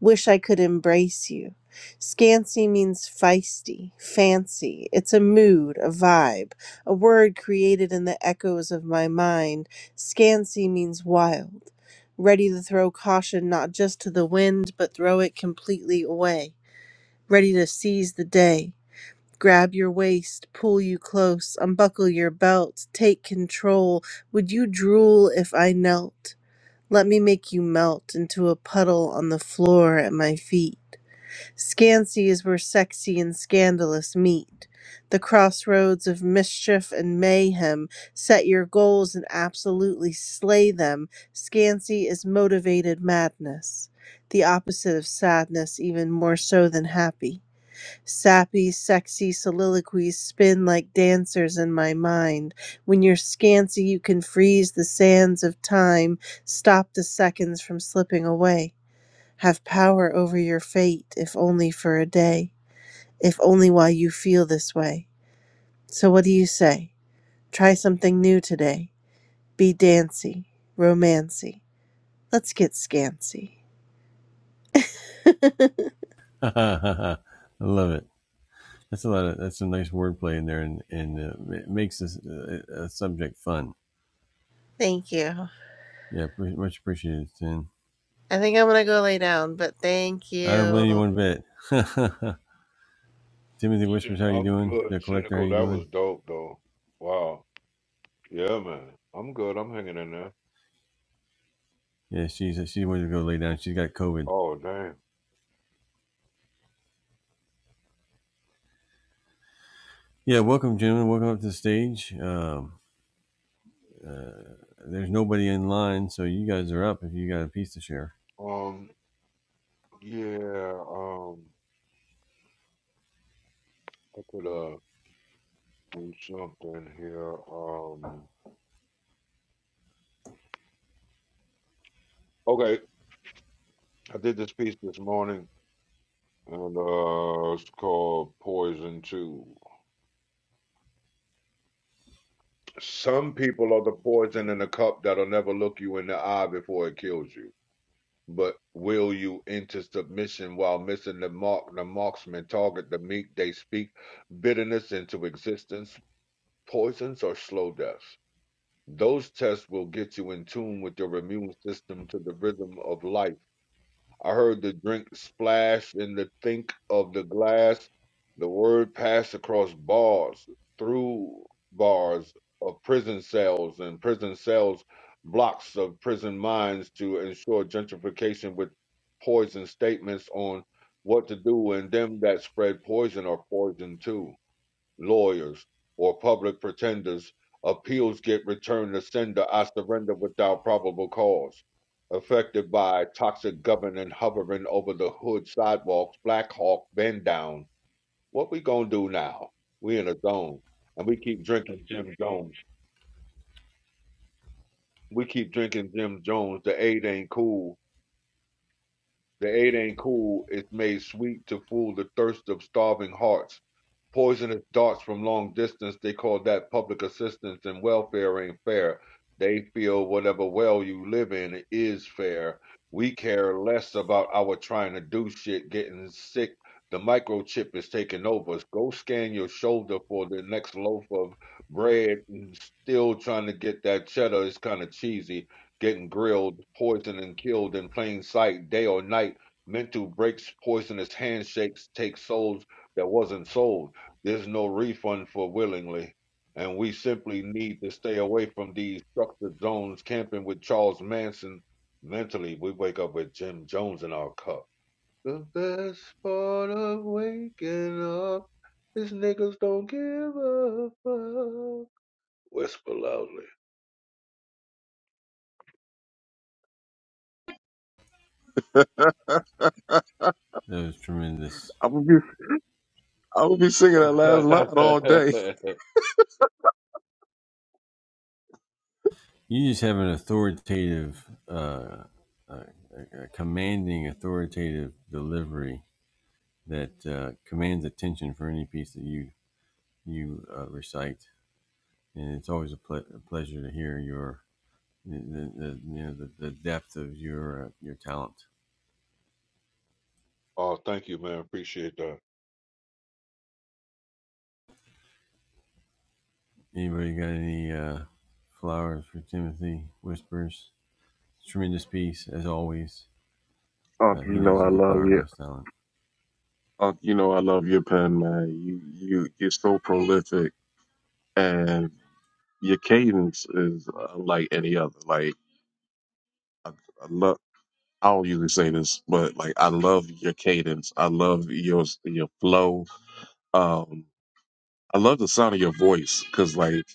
Speaker 5: Wish I could embrace you. Scancy means feisty, fancy. It's a mood, a vibe, a word created in the echoes of my mind. Scancy means wild, ready to throw caution not just to the wind, but throw it completely away, ready to seize the day. Grab your waist, pull you close, unbuckle your belt, take control. Would you drool if I knelt? Let me make you melt into a puddle on the floor at my feet. Scansies were sexy and scandalous meat. The crossroads of mischief and mayhem set your goals and absolutely slay them. Scancy is motivated madness, the opposite of sadness, even more so than happy. Sappy, sexy soliloquies spin like dancers in my mind. When you're scancy, you can freeze the sands of time, stop the seconds from slipping away. Have power over your fate, if only for a day, if only while you feel this way. So, what do you say? Try something new today. Be dancy, romancy. Let's get scancy. Thank you. I think I'm gonna go lay down, but thank you.
Speaker 6: Shoot, I'm good. Cynical, that was dope though. Wow. Yeah, man. I'm good. I'm hanging in there. Oh damn. Um yeah, um I could uh do something here. Um okay, I did this piece this morning and uh it's called Poison Two. Some people are the poison in a cup that'll never look you in the eye before it kills you. But will you into submission while missing the mark? The marksman target the meek, they speak bitterness into existence, poisons or slow deaths. Those tests will get you in tune with your immune system to the rhythm of life I heard the drink splash in the think of the glass. The word passed across bars, through bars of prison cells and prison cells, blocks of prison minds to ensure gentrification with poison statements on what to do and them that spread poison are poisoned too lawyers, or public pretenders, appeals get returned to sender I surrender without probable cause. Affected by toxic government hovering over the hood sidewalks, Black Hawk bend down. What we gonna do now? We in a zone, and we keep drinking Jim Jones. We keep drinking Jim Jones. The aid ain't cool. The aid ain't cool. It's made sweet to fool the thirst of starving hearts Poisonous darts from long distance, they call that public assistance and welfare ain't fair. They feel whatever well you live in is fair. We care less about our trying to do shit, getting sick. The microchip is taking over. Go scan your shoulder for the next loaf of bread and still trying to get that cheddar is kind of cheesy. Getting grilled, poisoned, and killed in plain sight, day or night. Mental breaks, poisonous handshakes take souls that wasn't sold. There's no refund for willingly, and we simply need to stay away from these structured zones camping with Charles Manson. Mentally, we wake up with Jim Jones in our cup. The best part of waking up is niggas don't give a fuck. Whisper loudly.
Speaker 7: I would be I would be singing that last line all day.
Speaker 6: oh, thank you, man. Appreciate that.
Speaker 7: Unc, you know I love you. Unc, you know I love your pen, man. You you you're so prolific, and your cadence is unlike any other. Like I, I love. I don't usually say this, but like I love your cadence. I love your your flow. Um, I love the sound of your voice because like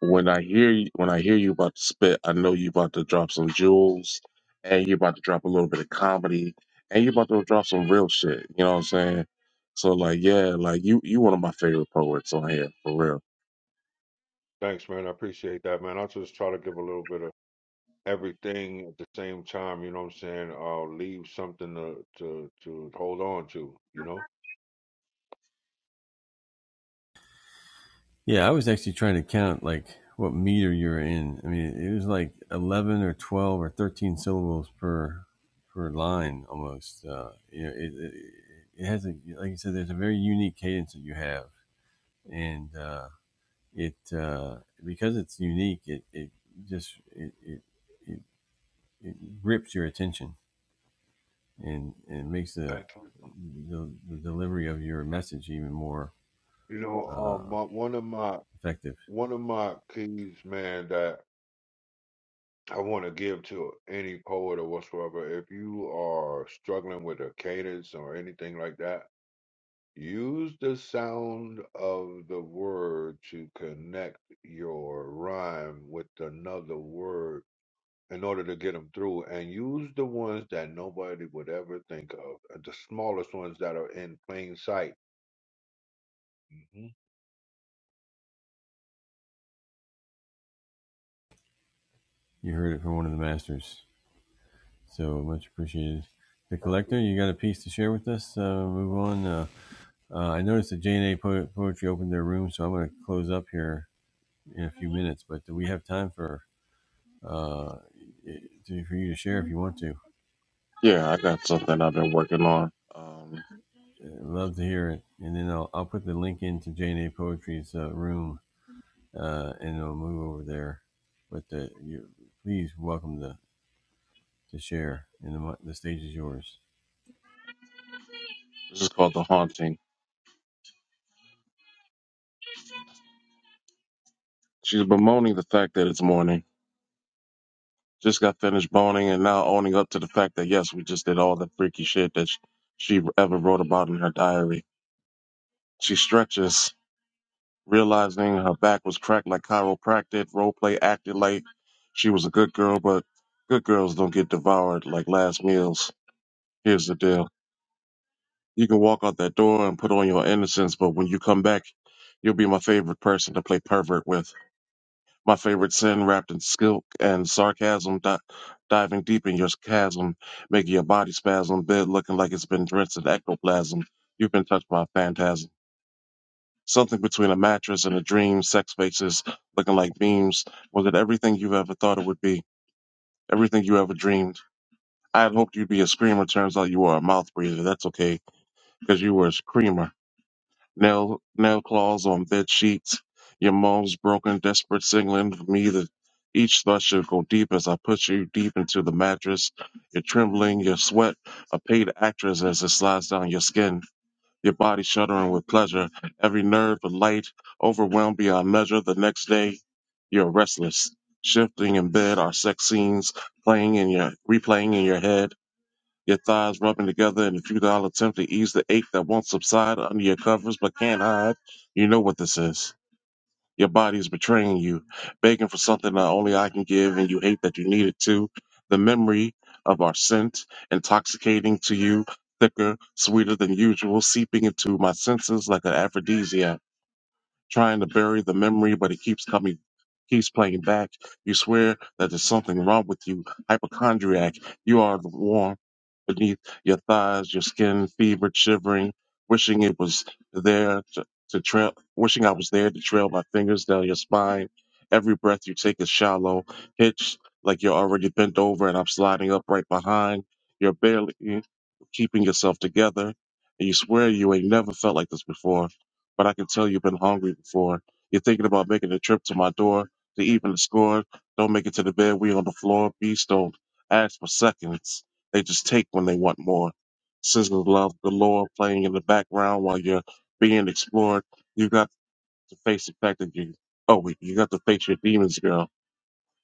Speaker 7: when I hear you, when I hear you about to spit, I know you about to drop some jewels, and you about to drop a little bit of comedy, and you about to drop some real shit. You know what I'm saying? So like, yeah, like you you one of my favorite poets on here for real.
Speaker 6: Thanks, man. I appreciate that, man. I'll just try to give a little bit of everything at the same time, you know what I'm saying? Uh, leave something to, to, to hold on to, you know? Thank you. You know, um, my, one of my one of my keys, man, that I want to give to any poet or whatsoever, if you are struggling with a cadence or anything like that, use the sound of the word to connect your rhyme with another word in order to get them through and use the ones that nobody would ever think of uh, the smallest ones that are in plain sight hmm
Speaker 7: Yeah, I got something I've been working on. Um, this is called the haunting. She's bemoaning the fact that it's morning. Just got finished boning and now owning up to the fact that yes, we just did all the freaky shit that sh- she ever wrote about in her diary. She stretches Realizing her back was cracked like chiropractic, roleplay acted like she was a good girl, but good girls don't get devoured like last meals. Here's the deal. You can walk out that door and put on your innocence, but when you come back, you'll be my favorite person to play pervert with. My favorite sin wrapped in skill and sarcasm, di- diving deep in your chasm, making your body spasm, bed looking like it's been drenched in ectoplasm. You've been touched by a phantasm. Something between a mattress and a dream, sex faces looking like beams. Was it everything you ever thought it would be? Everything you ever dreamed? I had hoped you'd be a screamer. Turns out you were a mouth breather. That's okay, 'cause you were a screamer. Nail, nail claws on bed sheets. Your mom's broken, desperate signaling for me that each thought should go deep as I push you deep into the mattress. You're trembling, your sweat, a paid actress as it slides down your skin your body shuddering with pleasure, every nerve alight, overwhelmed beyond measure. The next day, you're restless, shifting in bed, our sex scenes playing in your replaying in your head. Your thighs rubbing together in a futile attempt to ease the ache that won't subside under your covers but can't hide. You know what this is. Your body is betraying you, begging for something that only I can give, and you hate that you need it too. The memory of our scent, intoxicating to you, thicker, sweeter than usual, seeping into my senses like an aphrodisiac trying to bury the memory, but it keeps coming, keeps playing back. You swear that there's something wrong with you, hypochondriac. You are the warmth beneath your thighs, your skin fevered, shivering, wishing it was there to, to trail, wishing I was there to trail my fingers down your spine. Every breath you take is shallow, hitched like you're already bent over, and I'm sliding up right behind. You're barely keeping yourself together, and you swear you ain't never felt like this before but I can tell you've been hungry before. You're thinking about making a trip to my door to even the score. Don't make it to the bed. We on the floor. Beasts don't ask for seconds. They just take when they want more. Sizzle love galore playing in the background while you're being explored. You got to face the fact that you, oh wait, you got to face your demons, girl.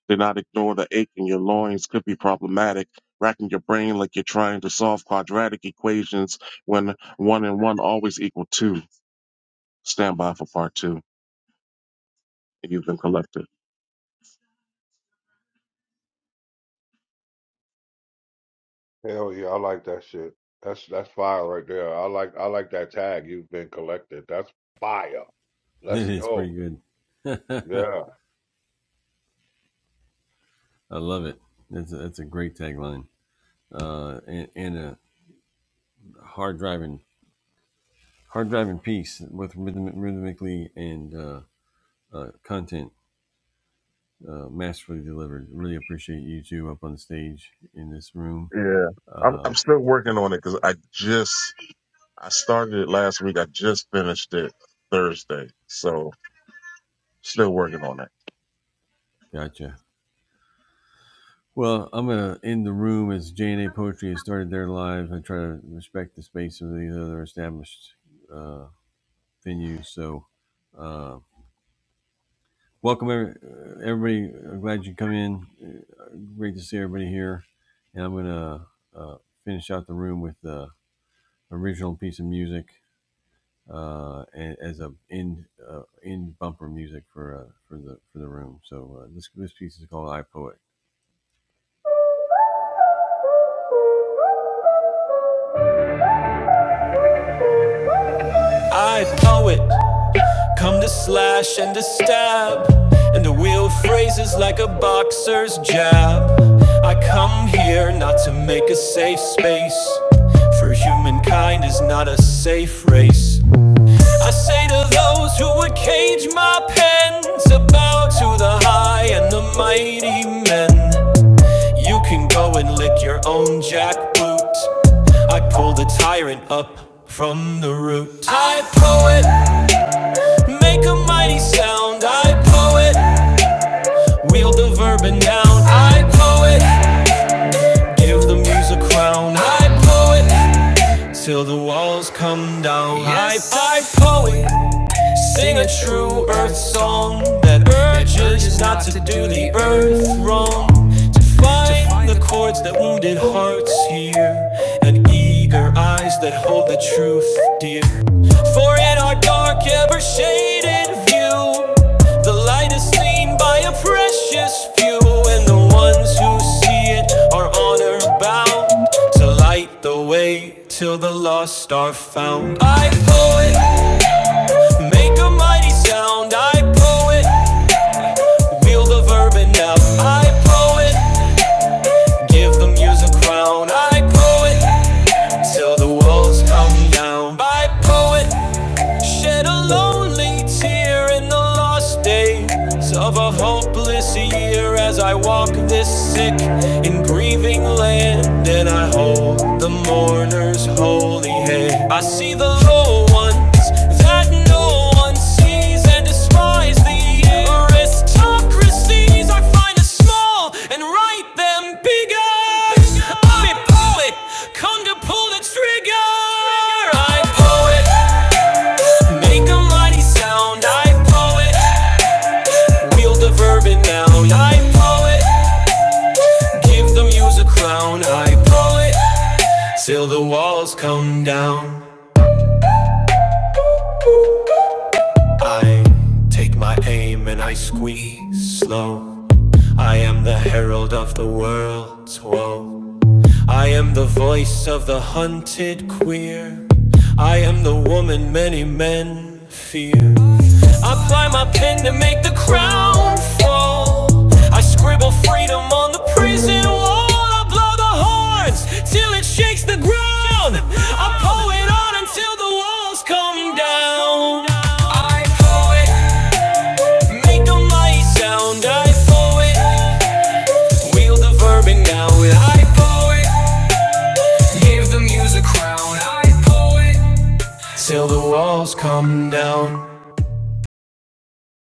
Speaker 7: Do not ignore the ache in your loins could be problematic, racking your brain like you're trying to solve quadratic equations when one and one always equal two. Stand by for part two. that you've been collecting?
Speaker 6: hell yeah i like that shit that's that's fire right there i like i like that tag you've been collected that's fire let's go Yeah.
Speaker 7: Yeah, I'm I'm still working on it because I just I started it last week. I just finished it Thursday, so still working on it.
Speaker 1: I know it. Come to slash and to stab. And to wheel phrases like a boxer's jab. I come here not to make a safe space. For humankind is not a safe race. I say to those who would cage my pens, bow to the high and the mighty men. You can go and lick your own jackboot. I pull the tyrant up from the root. I poet, make a mighty sound. I poet, wield the verb and noun. I poet, give the muse a crown. I poet, till the walls come down. Yes, I, I poet, Sing a true earth song that urges not to do the earth wrong. To find the chords that wounded hearts hear, and eager eyes that hold the truth dear. For in our dark, ever shaded view, the light is seen by a precious few, and the ones who see it are honor bound to light the way till the lost are found. I poet. Make a mighty sound, I poet. Wield the verb and now. I poet. Give the muse a crown, I poet. Till the walls come down, I poet. Shed a lonely tear in the lost days of a hopeless year as I walk this sick and grieving land. And I hold the mourner's holy hand. I see the low ones that no one sees and despise the aristocracies. I find a small and write them bigger. I'm a poet, come to pull the trigger. I'm poet. Make a mighty sound, I poet. Wield the verb and noun, I poet. Give the muse a crown, I poet. Till the walls come down, I take my aim and I squeeze slow. I am the herald of the world's woe. I am the voice of the hunted queer. I am the woman many men fear. I ply my pen to make the crown fall. I scribble freedom on the prison wall. I blow the horns till it shakes the ground. I pull it on until the walls come down. I poet, make a mighty sound. I poet, wield the verb and now I poet. Give the music crown, I poet. Till the walls come down.